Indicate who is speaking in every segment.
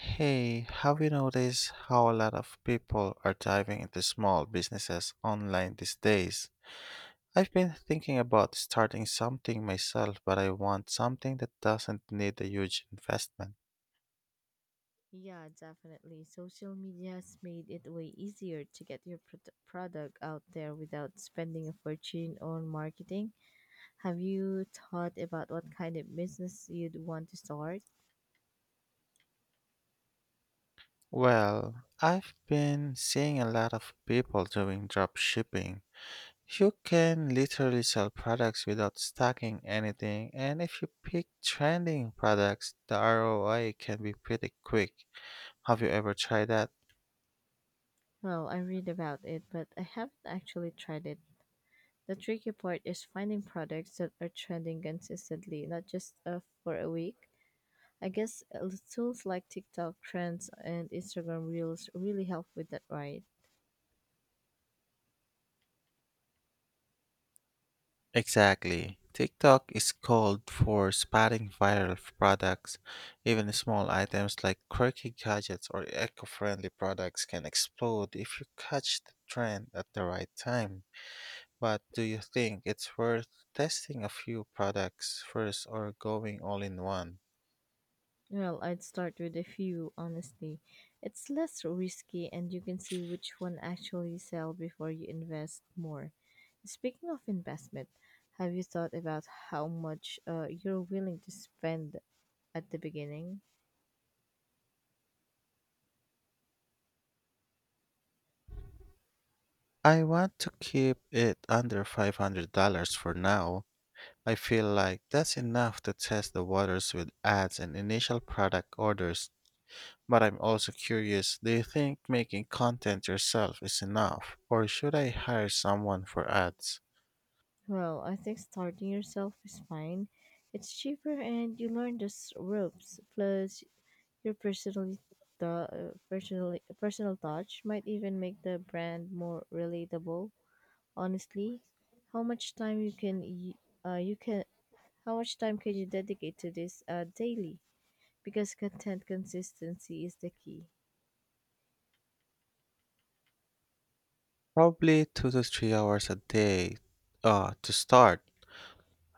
Speaker 1: Hey, have you noticed how a lot of people are diving into small businesses online these days? I've been thinking about starting something myself, but I want something that doesn't need a huge investment.
Speaker 2: Yeah, definitely. Social media has made it way easier to get your product out there without spending a fortune on marketing. Have you thought about what kind of business you'd want to start?
Speaker 1: Well, I've been seeing a lot of people doing drop shipping. You can literally sell products without stocking anything, and if you pick trending products, the ROI can be pretty quick. Have you ever tried that?
Speaker 2: Well, I read about it, but I haven't actually tried it. The tricky part is finding products that are trending consistently, not just for a week. I guess tools like TikTok trends and Instagram Reels really help with that, right?
Speaker 1: Exactly. TikTok is called for spotting products. Even small items like quirky gadgets or eco friendly products can explode if you catch the trend at the right time. But do you think it's worth testing a few products first or going all in one?
Speaker 2: Well, I'd start with a few, honestly. It's less risky and you can see which one actually sell before you invest more. Speaking of investment, have you thought about how much you're willing to spend at the beginning?
Speaker 1: I want to keep it under $500 for now. I feel like that's enough to test the waters with ads and initial product orders. But I'm also curious, do you think making content yourself is enough, or should I hire someone for ads?
Speaker 2: Well, I think starting yourself is fine. It's cheaper and you learn the ropes. Plus, your personally the personally personal touch might even make the brand more relatable, honestly. How much time you can y- you can how much time can you dedicate to this daily, because content consistency is the key?
Speaker 1: Probably 2 to 3 hours a day to start.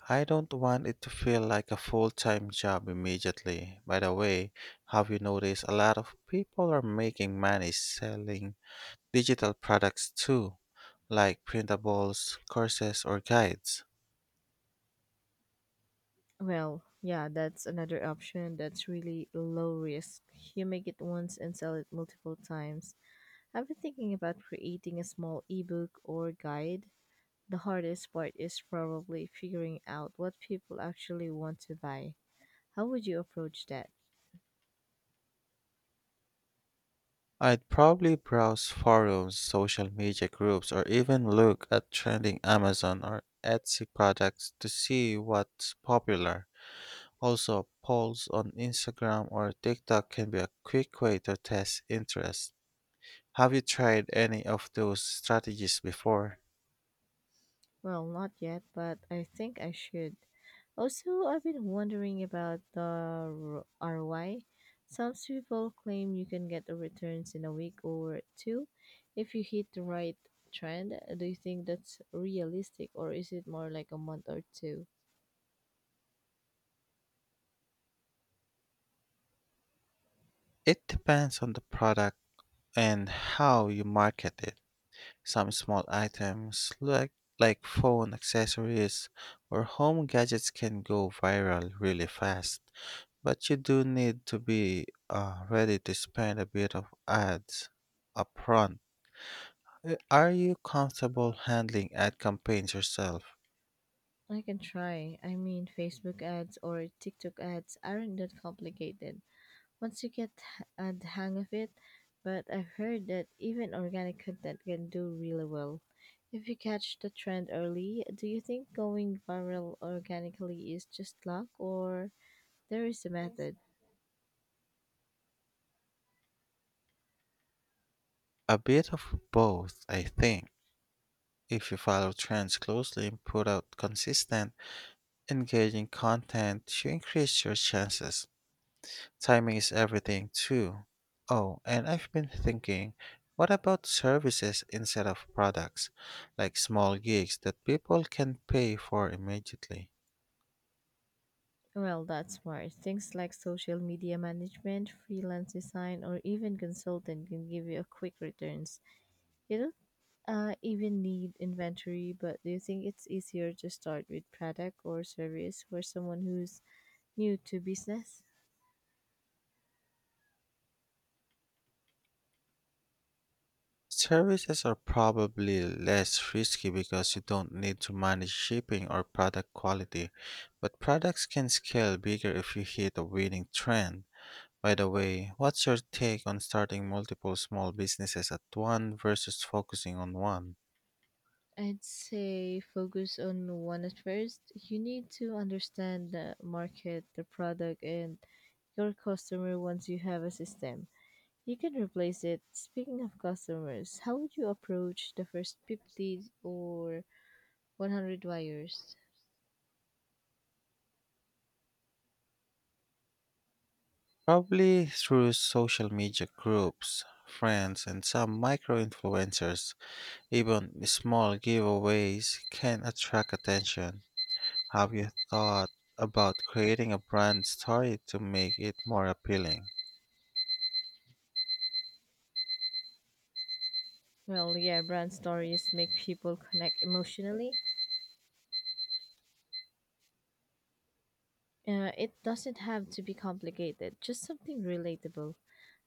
Speaker 1: I don't want it to feel like a full time job immediately. By the way, have you noticed a lot of people are making money selling digital products too, like printables, courses, or guides?
Speaker 2: Well, yeah, that's another option that's really low risk. You make it once and sell it multiple times. I've been thinking about creating a small ebook or guide. The hardest part is probably figuring out what people actually want to buy. How would you approach that?
Speaker 1: I'd probably browse forums, social media groups, or even look at trending Amazon or Etsy products to see what's popular. Also, polls on Instagram or TikTok can be a quick way to test interest. Have you tried any of those strategies before?
Speaker 2: Well, not yet, but I think I should. Also, I've been wondering about the ROI. Some people claim you can get the returns in a week or two if you hit the right trend. Do you think that's realistic or is it more like a month or two?
Speaker 1: It depends on the product and how you market it. Some small items like phone accessories or home gadgets can go viral really fast. But you do need to be ready to spend a bit of ads upfront. Are you comfortable handling ad campaigns yourself?
Speaker 2: I can try. I mean, Facebook ads or TikTok ads aren't that complicated once you get the hang of it, but I've heard that even organic content can do really well. If you catch the trend early, do you think going viral organically is just luck or there is a method?
Speaker 1: A bit of both, I think. If you follow trends closely and put out consistent, engaging content, you increase your chances. Timing is everything, too. Oh, and I've been thinking, what about services instead of products, like small gigs that people can pay for immediately?
Speaker 2: Well, that's smart. Things like social media management, freelance design, or even consultant can give you a quick returns. You don't even need inventory, but do you think it's easier to start with product or service for someone who's new to business?
Speaker 1: Services are probably less risky because you don't need to manage shipping or product quality, but products can scale bigger if you hit a winning trend. By the way, what's your take on starting multiple small businesses at one versus focusing on one?
Speaker 2: I'd say focus on one at first. You need to understand the market, the product, and your customer once you have a system. You can replace it. Speaking of customers, how would you approach the first 50 or 100 wires?
Speaker 1: Probably through social media groups, friends, and some micro influencers. Even small giveaways can attract attention. Have you thought about creating a brand story to make it more appealing?
Speaker 2: Well, yeah, brand stories make people connect emotionally. It doesn't have to be complicated, just something relatable.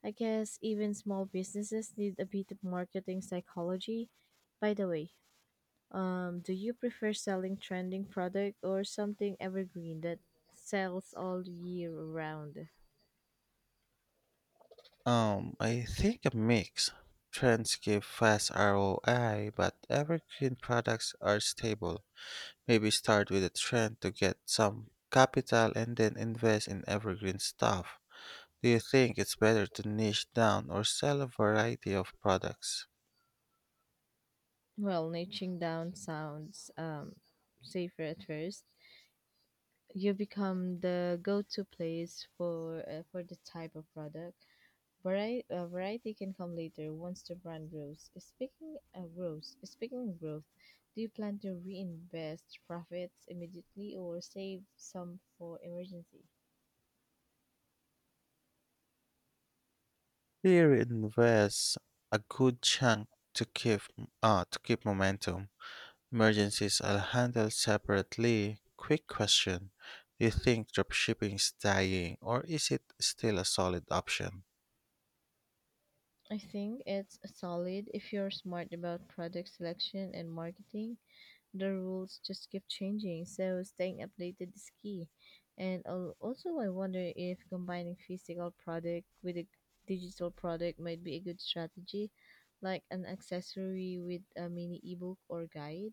Speaker 2: I guess even small businesses need a bit of marketing psychology. By the way, do you prefer selling trending product or something evergreen that sells all year round?
Speaker 1: I think a mix. Trends give fast ROI, but evergreen products are stable. Maybe start with a trend to get some capital and then invest in evergreen stuff. Do you think it's better to niche down or sell a variety of products?
Speaker 2: Well, niching down sounds safer at first. You become the go-to place for the type of product. Variety can come later once the brand grows. Speaking of growth, do you plan to reinvest profits immediately or save some for emergency?
Speaker 1: Here invest a good chunk to keep momentum. Emergencies are handled separately. Quick question. Do you think dropshipping is dying or is it still a solid option?
Speaker 2: I think it's solid if you're smart about product selection and marketing. The rules just keep changing, so staying updated is key. Also, I wonder if combining physical product with a digital product might be a good strategy, like an accessory with a mini ebook or guide.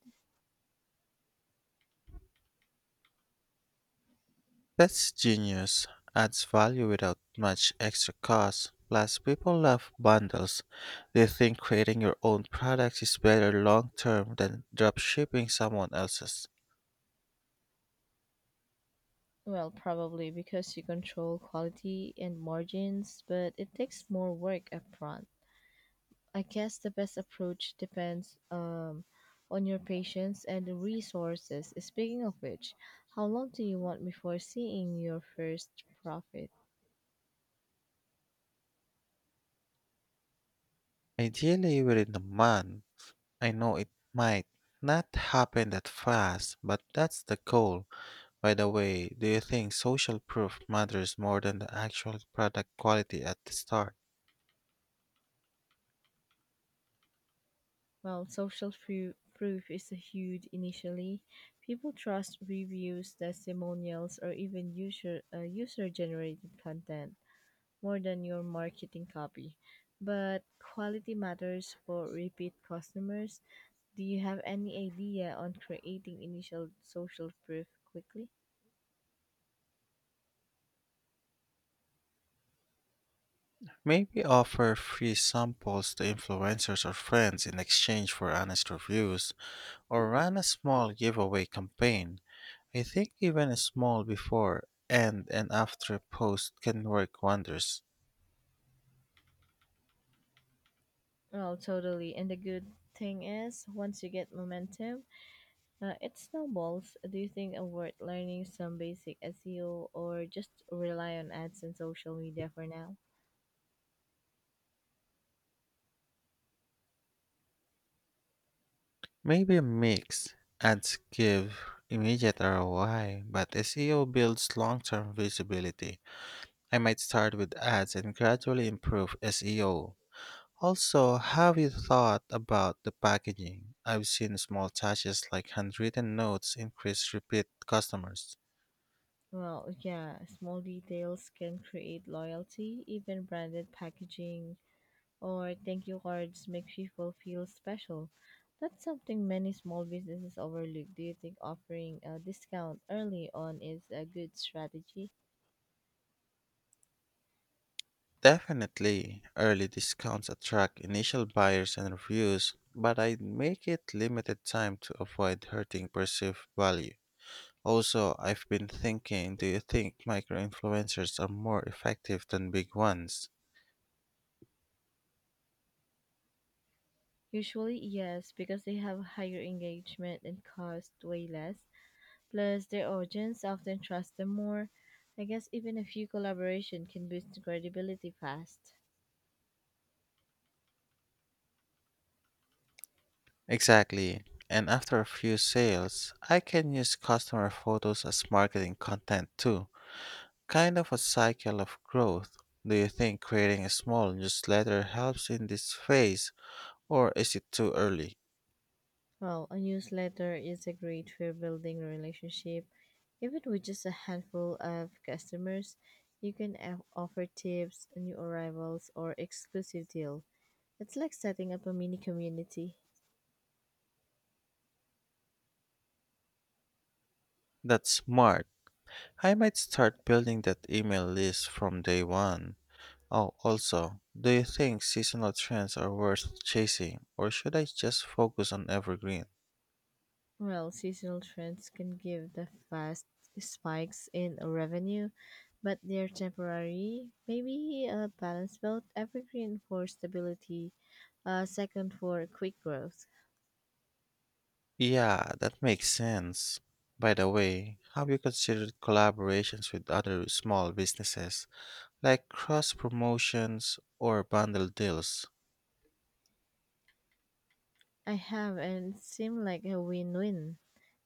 Speaker 1: That's genius. Adds value without much extra cost. Plus, people love bundles. They think creating your own products is better long term than dropshipping someone else's.
Speaker 2: Well, probably because you control quality and margins, but it takes more work upfront. I guess the best approach depends on your patience and the resources. Speaking of which, how long do you want before seeing your first profit?
Speaker 1: Ideally, within a month. I know it might not happen that fast, but that's the goal. By the way, do you think social proof matters more than the actual product quality at the start?
Speaker 2: Well, social proof is a huge initially. People trust reviews, testimonials, or even user generated content more than your marketing copy. But quality matters for repeat customers. Do you have any idea on creating initial social proof quickly?
Speaker 1: Maybe offer free samples to influencers or friends in exchange for honest reviews, or run a small giveaway campaign. I think even a small before and after post can work wonders.
Speaker 2: Well, totally. And the good thing is, once you get momentum, it snowballs. Do you think worth learning some basic SEO or just rely on ads and social media for now?
Speaker 1: Maybe a mix. Ads give immediate ROI, but SEO builds long term visibility. I might start with ads and gradually improve SEO. Also, have you thought about the packaging? I've seen small touches like handwritten notes increase repeat customers.
Speaker 2: Well, yeah, small details can create loyalty, even branded packaging or thank you cards make people feel special. That's something many small businesses overlook. Do you think offering a discount early on is a good strategy?
Speaker 1: Definitely, early discounts attract initial buyers and reviews, but I'd make it limited time to avoid hurting perceived value. Also, I've been thinking, do you think micro influencers are more effective than big ones?
Speaker 2: Usually, yes, because they have higher engagement and cost way less. Plus, their audience often trust them more. I guess even a few collaboration can boost credibility fast.
Speaker 1: Exactly. And after a few sales, I can use customer photos as marketing content too. Kind of a cycle of growth. Do you think creating a small newsletter helps in this phase, or is it too early?
Speaker 2: Well, a newsletter is a great for building a relationship. Even with just a handful of customers, you can offer tips, new arrivals, or exclusive deals. It's like setting up a mini community.
Speaker 1: That's smart. I might start building that email list from day one. Oh, also, do you think seasonal trends are worth chasing, or should I just focus on evergreen?
Speaker 2: Well, seasonal trends can give the fast spikes in revenue, but they're temporary. Maybe a balance belt, evergreen for stability, a second for quick growth.
Speaker 1: Yeah, that makes sense. By the way, have you considered collaborations with other small businesses, like cross promotions or bundle deals?
Speaker 2: I have, and it seemed like a win-win,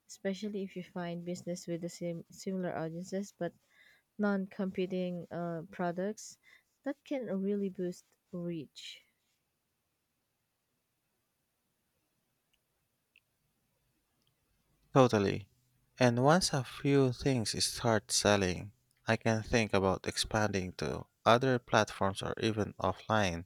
Speaker 2: especially if you find business with the same similar audiences but non-competing products that can really boost reach.
Speaker 1: Totally. And once a few things start selling, I can think about expanding to other platforms or even offline.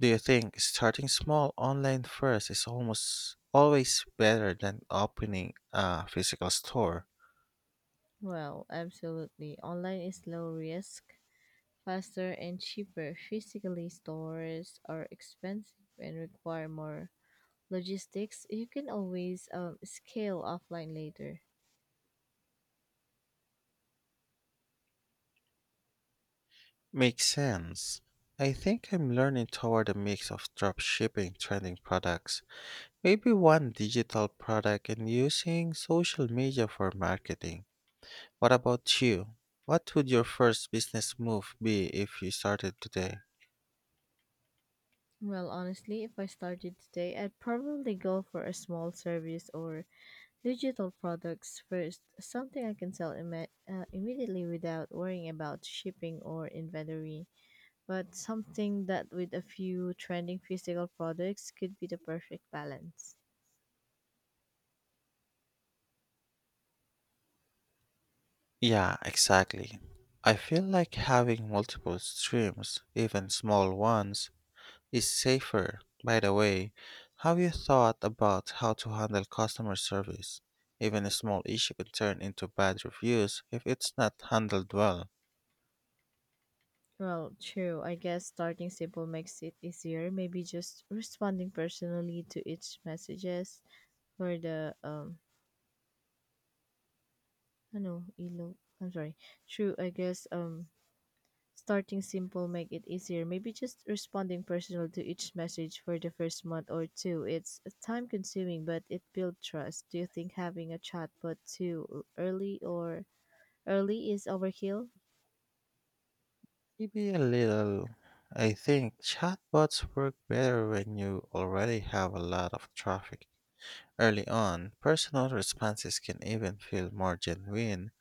Speaker 1: Do you think starting small online first is almost always better than opening a physical store?
Speaker 2: Well, absolutely, online is low risk, faster and cheaper. Physically stores are expensive and require more logistics. You can always scale offline later.
Speaker 1: Makes sense. I think I'm learning toward a mix of dropshipping trending products, maybe one digital product and using social media for marketing. What about you? What would your first business move be if you started today?
Speaker 2: Well, honestly, if I started today, I'd probably go for a small service or digital products first, something I can sell immediately without worrying about shipping or inventory, but something that with a few trending physical products could be the perfect balance.
Speaker 1: Yeah, exactly. I feel like having multiple streams, even small ones, is safer. By the way, have you thought about how to handle customer service? Even a small issue can turn into bad reviews if it's not handled well.
Speaker 2: Well, true. I guess starting simple makes it easier. Maybe just responding personally to each messages for the I know elo. I'm sorry. True. I guess starting simple make it easier. Maybe just responding personal to each message for the first month or two. It's time consuming, but it builds trust. Do you think having a chatbot too early or early is overkill?
Speaker 1: Maybe a little. I think chatbots work better when you already have a lot of traffic. Early on, personal responses can even feel more genuine,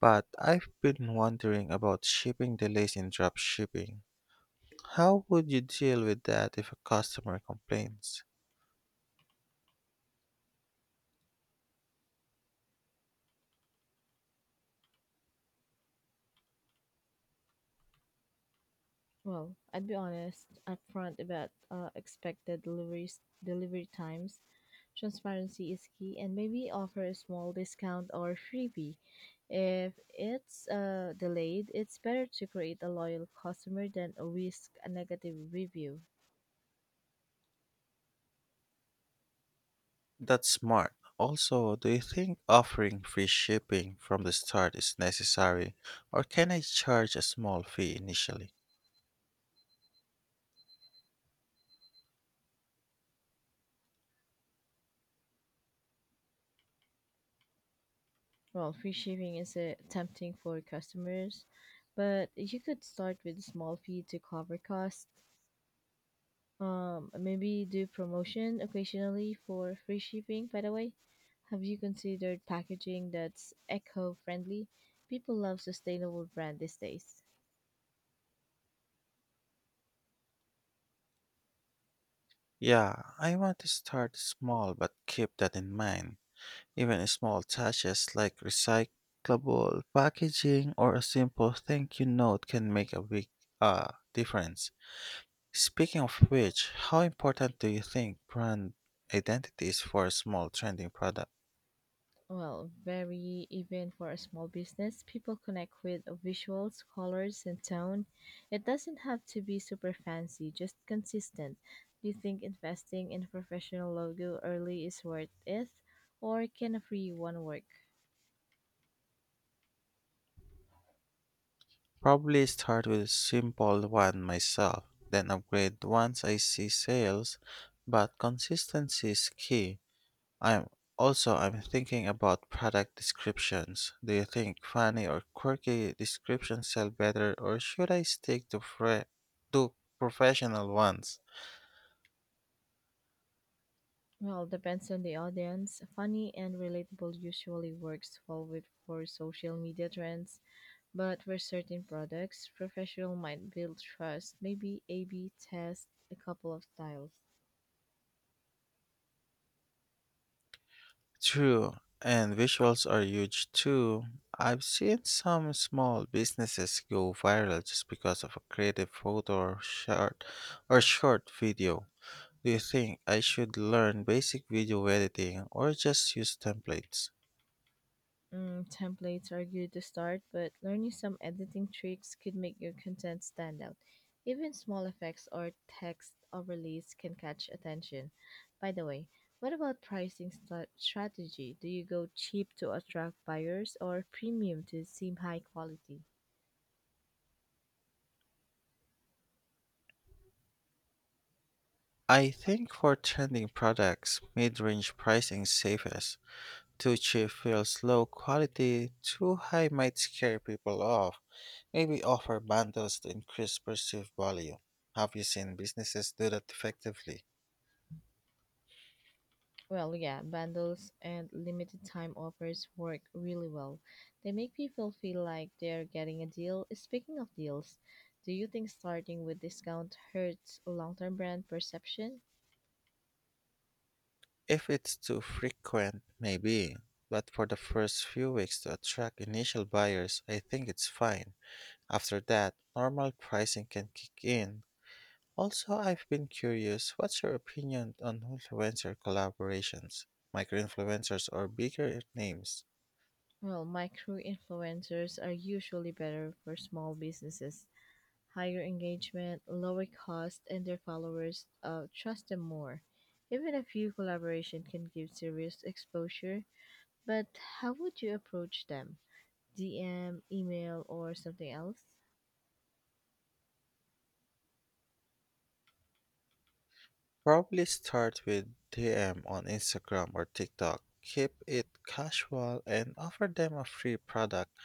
Speaker 1: but I've been wondering about shipping delays in drop shipping. How would you deal with that if a customer complains?
Speaker 2: Well, I'd be honest upfront about delivery times. Transparency is key, and maybe offer a small discount or freebie. If it's delayed, it's better to create a loyal customer than risk a negative review.
Speaker 1: That's smart. Also, do you think offering free shipping from the start is necessary, or can I charge a small fee initially?
Speaker 2: Well, free shipping is tempting for customers, but you could start with a small fee to cover costs. Maybe do promotion occasionally for free shipping. By the way, have you considered packaging that's eco-friendly? People love sustainable brand these days.
Speaker 1: Yeah, I want to start small but keep that in mind. Even small touches like recyclable packaging or a simple thank you note can make a big uh, difference. Speaking of which, how important do you think brand identity is for a small trending product?
Speaker 2: Well, very, even for a small business, people connect with visuals, colors, and tone. It doesn't have to be super fancy, just consistent. Do you think investing in a professional logo early is worth it, or can a free one work?
Speaker 1: Probably start with a simple one myself, then upgrade once I see sales, but consistency is key. I'm I'm thinking about product descriptions. Do you think funny or quirky descriptions sell better or should I stick to to professional ones?
Speaker 2: Well, depends on the audience. Funny and relatable usually works well with for social media trends, but for certain products, professional might build trust. Maybe A/B test a couple of styles.
Speaker 1: True, and visuals are huge too. I've seen some small businesses go viral just because of a creative photo or short video. Do you think I should learn basic video editing or just use templates?
Speaker 2: Templates are good to start, but learning some editing tricks could make your content stand out. Even small effects or text overlays can catch attention. By the way, what about pricing strategy? Do you go cheap to attract buyers or premium to seem high quality?
Speaker 1: I think for trending products, mid-range pricing is safest. Too cheap feels low quality, too high might scare people off. Maybe offer bundles to increase perceived value. Have you seen businesses do that effectively?
Speaker 2: Well, yeah, bundles and limited time offers work really well. They make people feel like they're getting a deal. Speaking of deals, do you think starting with discount hurts long term brand perception?
Speaker 1: If it's too frequent, maybe. But for the first few weeks to attract initial buyers, I think it's fine. After that, normal pricing can kick in. Also, I've been curious, what's your opinion on influencer collaborations? Micro-influencers or bigger names?
Speaker 2: Well, micro influencers are usually better for small businesses. Higher engagement, lower cost, and their followers trust them more. Even a few collaboration can give serious exposure, but how would you approach them? DM, email, or something else?
Speaker 1: Probably start with DM on Instagram or TikTok. Keep it casual and offer them a free product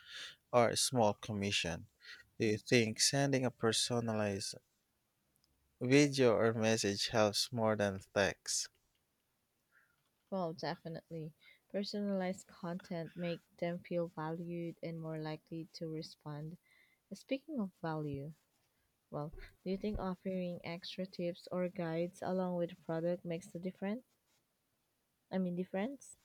Speaker 1: or a small commission. Do you think sending a personalized video or message helps more than text?
Speaker 2: Well, definitely. Personalized content make them feel valued and more likely to respond. Speaking of value, well, do you think offering extra tips or guides along with product makes a difference? I mean difference?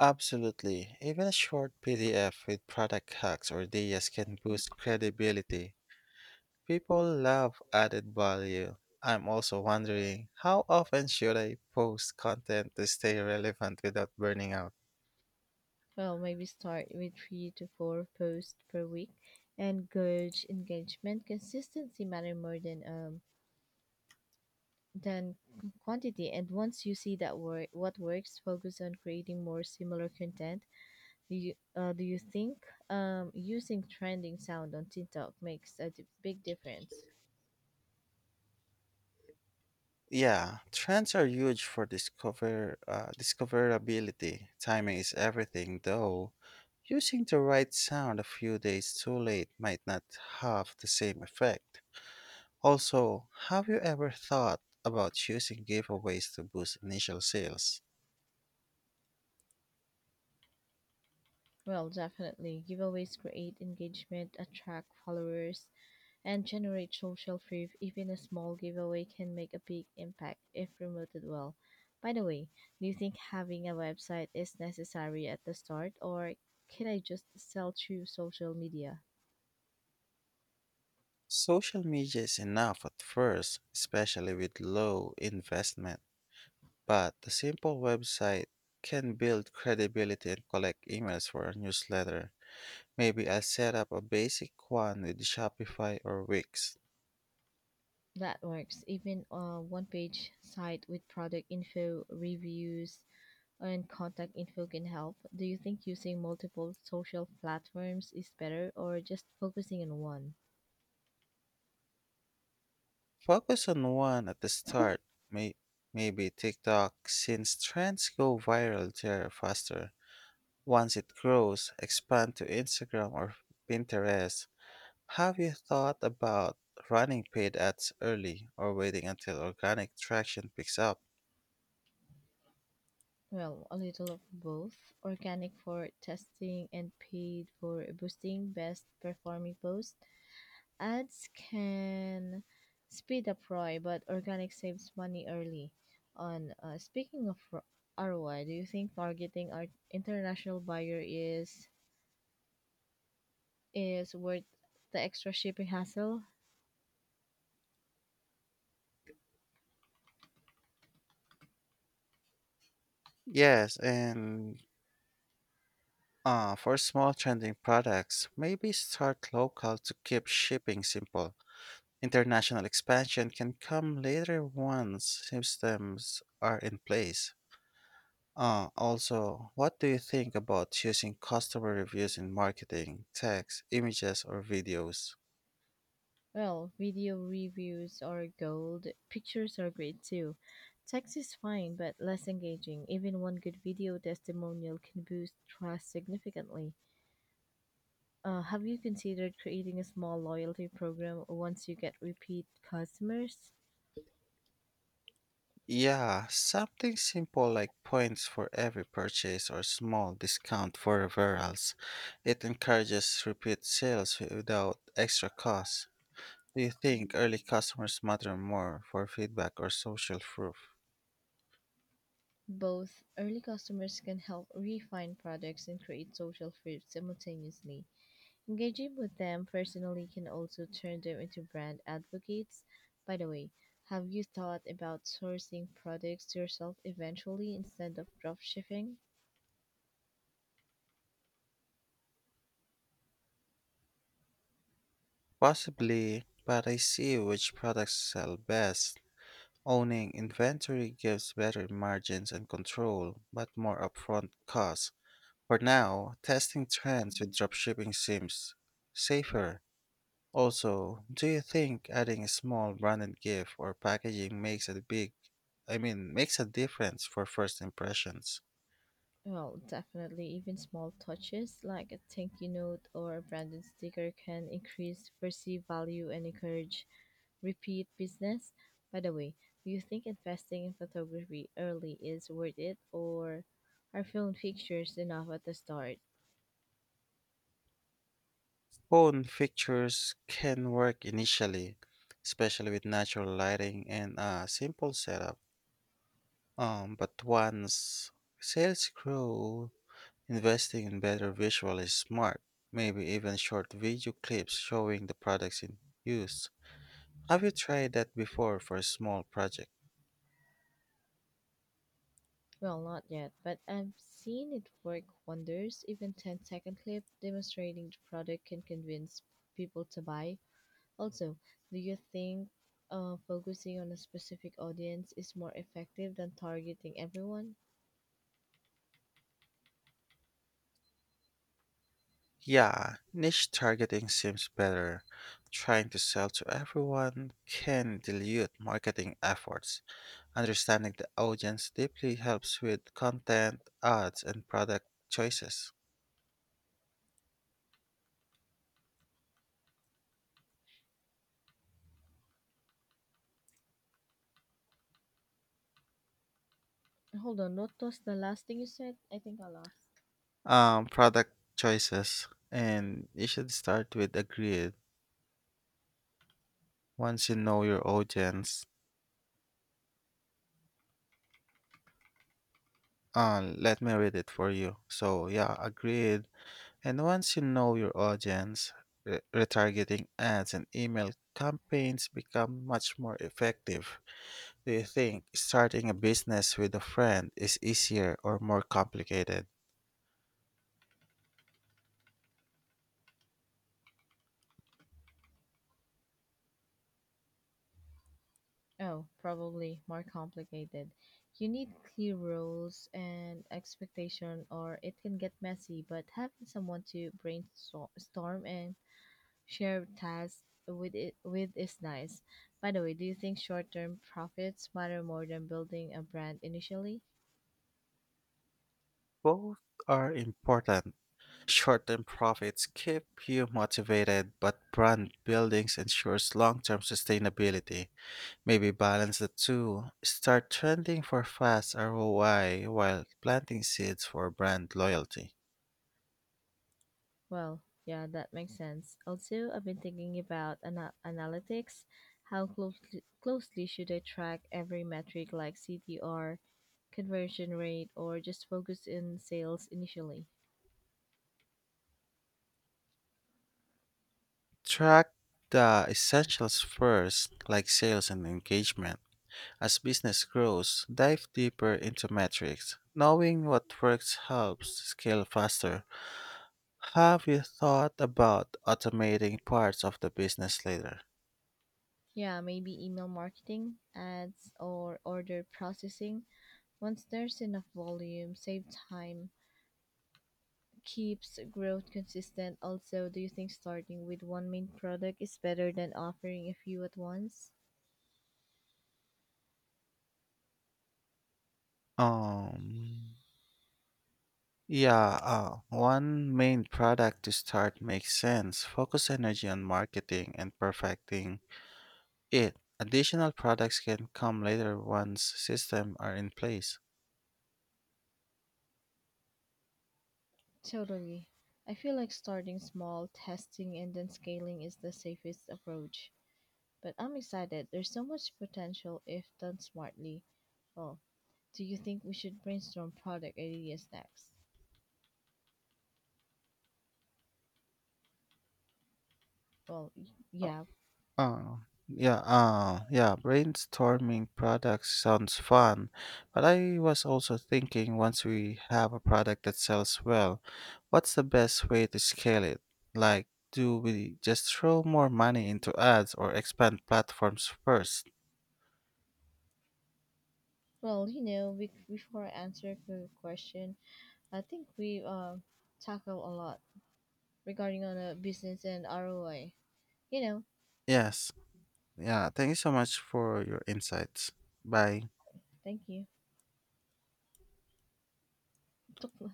Speaker 1: Absolutely. Even a short PDF with product hacks or ideas can boost credibility. People love added value. I'm also wondering, how often should I post content to stay relevant without burning out?
Speaker 2: Well, maybe start with 3 to 4 posts per week and gauge engagement. Consistency matter more than than quantity. And once you see that what works, focus on creating more similar content. Do you think using trending sound on TikTok makes a big difference?
Speaker 1: Yeah, trends are huge for discoverability. Timing is everything, though. Using the right sound a few days too late might not have the same effect. Also, have you ever thought about using giveaways to boost initial sales?
Speaker 2: Well, definitely. Giveaways create engagement, attract followers, and generate social proof. Even a small giveaway can make a big impact if promoted well. By the way, do you think having a website is necessary at the start, or can I just sell through social media?
Speaker 1: Social media is enough at first, especially with low investment, but a simple website can build credibility and collect emails for a newsletter. Maybe I'll set up a basic one with Shopify or Wix.
Speaker 2: That works. Even a one page site with product info, reviews, and contact info can help. Do you think using multiple social platforms is better or just focusing on one?
Speaker 1: Focus on one at the start, may- maybe TikTok, since trends go viral there faster. Once it grows, expand to Instagram or Pinterest. Have you thought about running paid ads early or waiting until organic traction picks up?
Speaker 2: Well, a little of both, organic for testing and paid for boosting best performing posts. Ads can speed up ROI, but organic saves money early on. Speaking of ROI, do you think targeting our international buyer is worth the extra shipping hassle?
Speaker 1: Yes, and for small trending products, maybe start local to keep shipping simple. International expansion can come later once systems are in place. Also, what do you think about using customer reviews in marketing, text, images, or videos?
Speaker 2: Well, video reviews are gold. Pictures are great too. Text is fine, but less engaging. Even one good video testimonial can boost trust significantly. Have you considered creating a small loyalty program once you get repeat customers?
Speaker 1: Yeah, something simple like points for every purchase or small discount for referrals. It encourages repeat sales without extra costs. Do you think early customers matter more for feedback or social proof?
Speaker 2: Both early customers can help refine products and create social fruit simultaneously. Engaging with them personally can also turn them into brand advocates. By the way, have you thought about sourcing products yourself eventually instead of drop shipping?
Speaker 1: Possibly, but I see which products sell best. Owning inventory gives better margins and control, but more upfront costs. For now, testing trends with dropshipping seems safer. Also, do you think adding a small branded gift or packaging makes a big I mean makes a difference for first impressions?
Speaker 2: Well, definitely, even small touches like a thank you note or a branded sticker can increase perceived value and encourage repeat business. By the way, do you think investing in photography early is worth it, or are film pictures enough at the start?
Speaker 1: Phone pictures can work initially, especially with natural lighting and a simple setup. But once sales grow, investing in better visual is smart. Maybe even short video clips showing the products in use. Have you tried that before for a small project?
Speaker 2: Well, not yet, but I've seen it work wonders. Even ten-second clip demonstrating the product can convince people to buy. Also, do you think focusing on a specific audience is more effective than targeting everyone?
Speaker 1: Yeah, niche targeting seems better. Trying to sell to everyone can dilute marketing efforts. Understanding the audience deeply helps with content, ads, and product choices.
Speaker 2: Hold on, what was the last thing you said? I think I lost.
Speaker 1: Product choices, and you should start with agreed. Once you know your audience, let me read it for you. So yeah, agreed. And once you know your audience, retargeting ads and email campaigns become much more effective. Do you think starting a business with a friend is easier or more complicated?
Speaker 2: Oh, probably more complicated. You need clear rules and expectation or it can get messy, but having someone to brainstorm and share tasks with it with is nice. By the way, do you think short-term profits matter more than building a brand initially?
Speaker 1: Both are important. Short term profits keep you motivated, but brand building ensures long term sustainability. Maybe balance the two. Start trending for fast ROI while planting seeds for brand loyalty.
Speaker 2: Well, yeah, that makes sense. Also, I've been thinking about analytics. How closely should I track every metric like CTR, conversion rate or just focus in sales initially.
Speaker 1: Track the essentials first, like sales and engagement. As business grows, dive deeper into metrics. Knowing what works helps scale faster. Have you thought about automating parts of the business later?
Speaker 2: Yeah, maybe email marketing, ads, or order processing. Once there's enough volume, save time, keeps growth consistent. Also, do you think starting with one main product is better than offering a few at once?
Speaker 1: Um, yeah, one main product to start makes sense. Focus energy on marketing and perfecting it. Additional products can come later once systems are in place.
Speaker 2: Totally. I feel like starting small, testing, and then scaling is the safest approach. But I'm excited. There's so much potential if done smartly. Well, do you think we should brainstorm product ideas next? Well, yeah.
Speaker 1: Oh, yeah, brainstorming products sounds fun, but I was also thinking, once we have a product that sells well, what's the best way to scale it? Like, do we just throw more money into ads or expand platforms first?
Speaker 2: Well, before I answer the question, I think we tackle a lot regarding on a business and ROI. You know,
Speaker 1: Yes, yeah, thank you so much for your insights. Bye.
Speaker 2: thank you.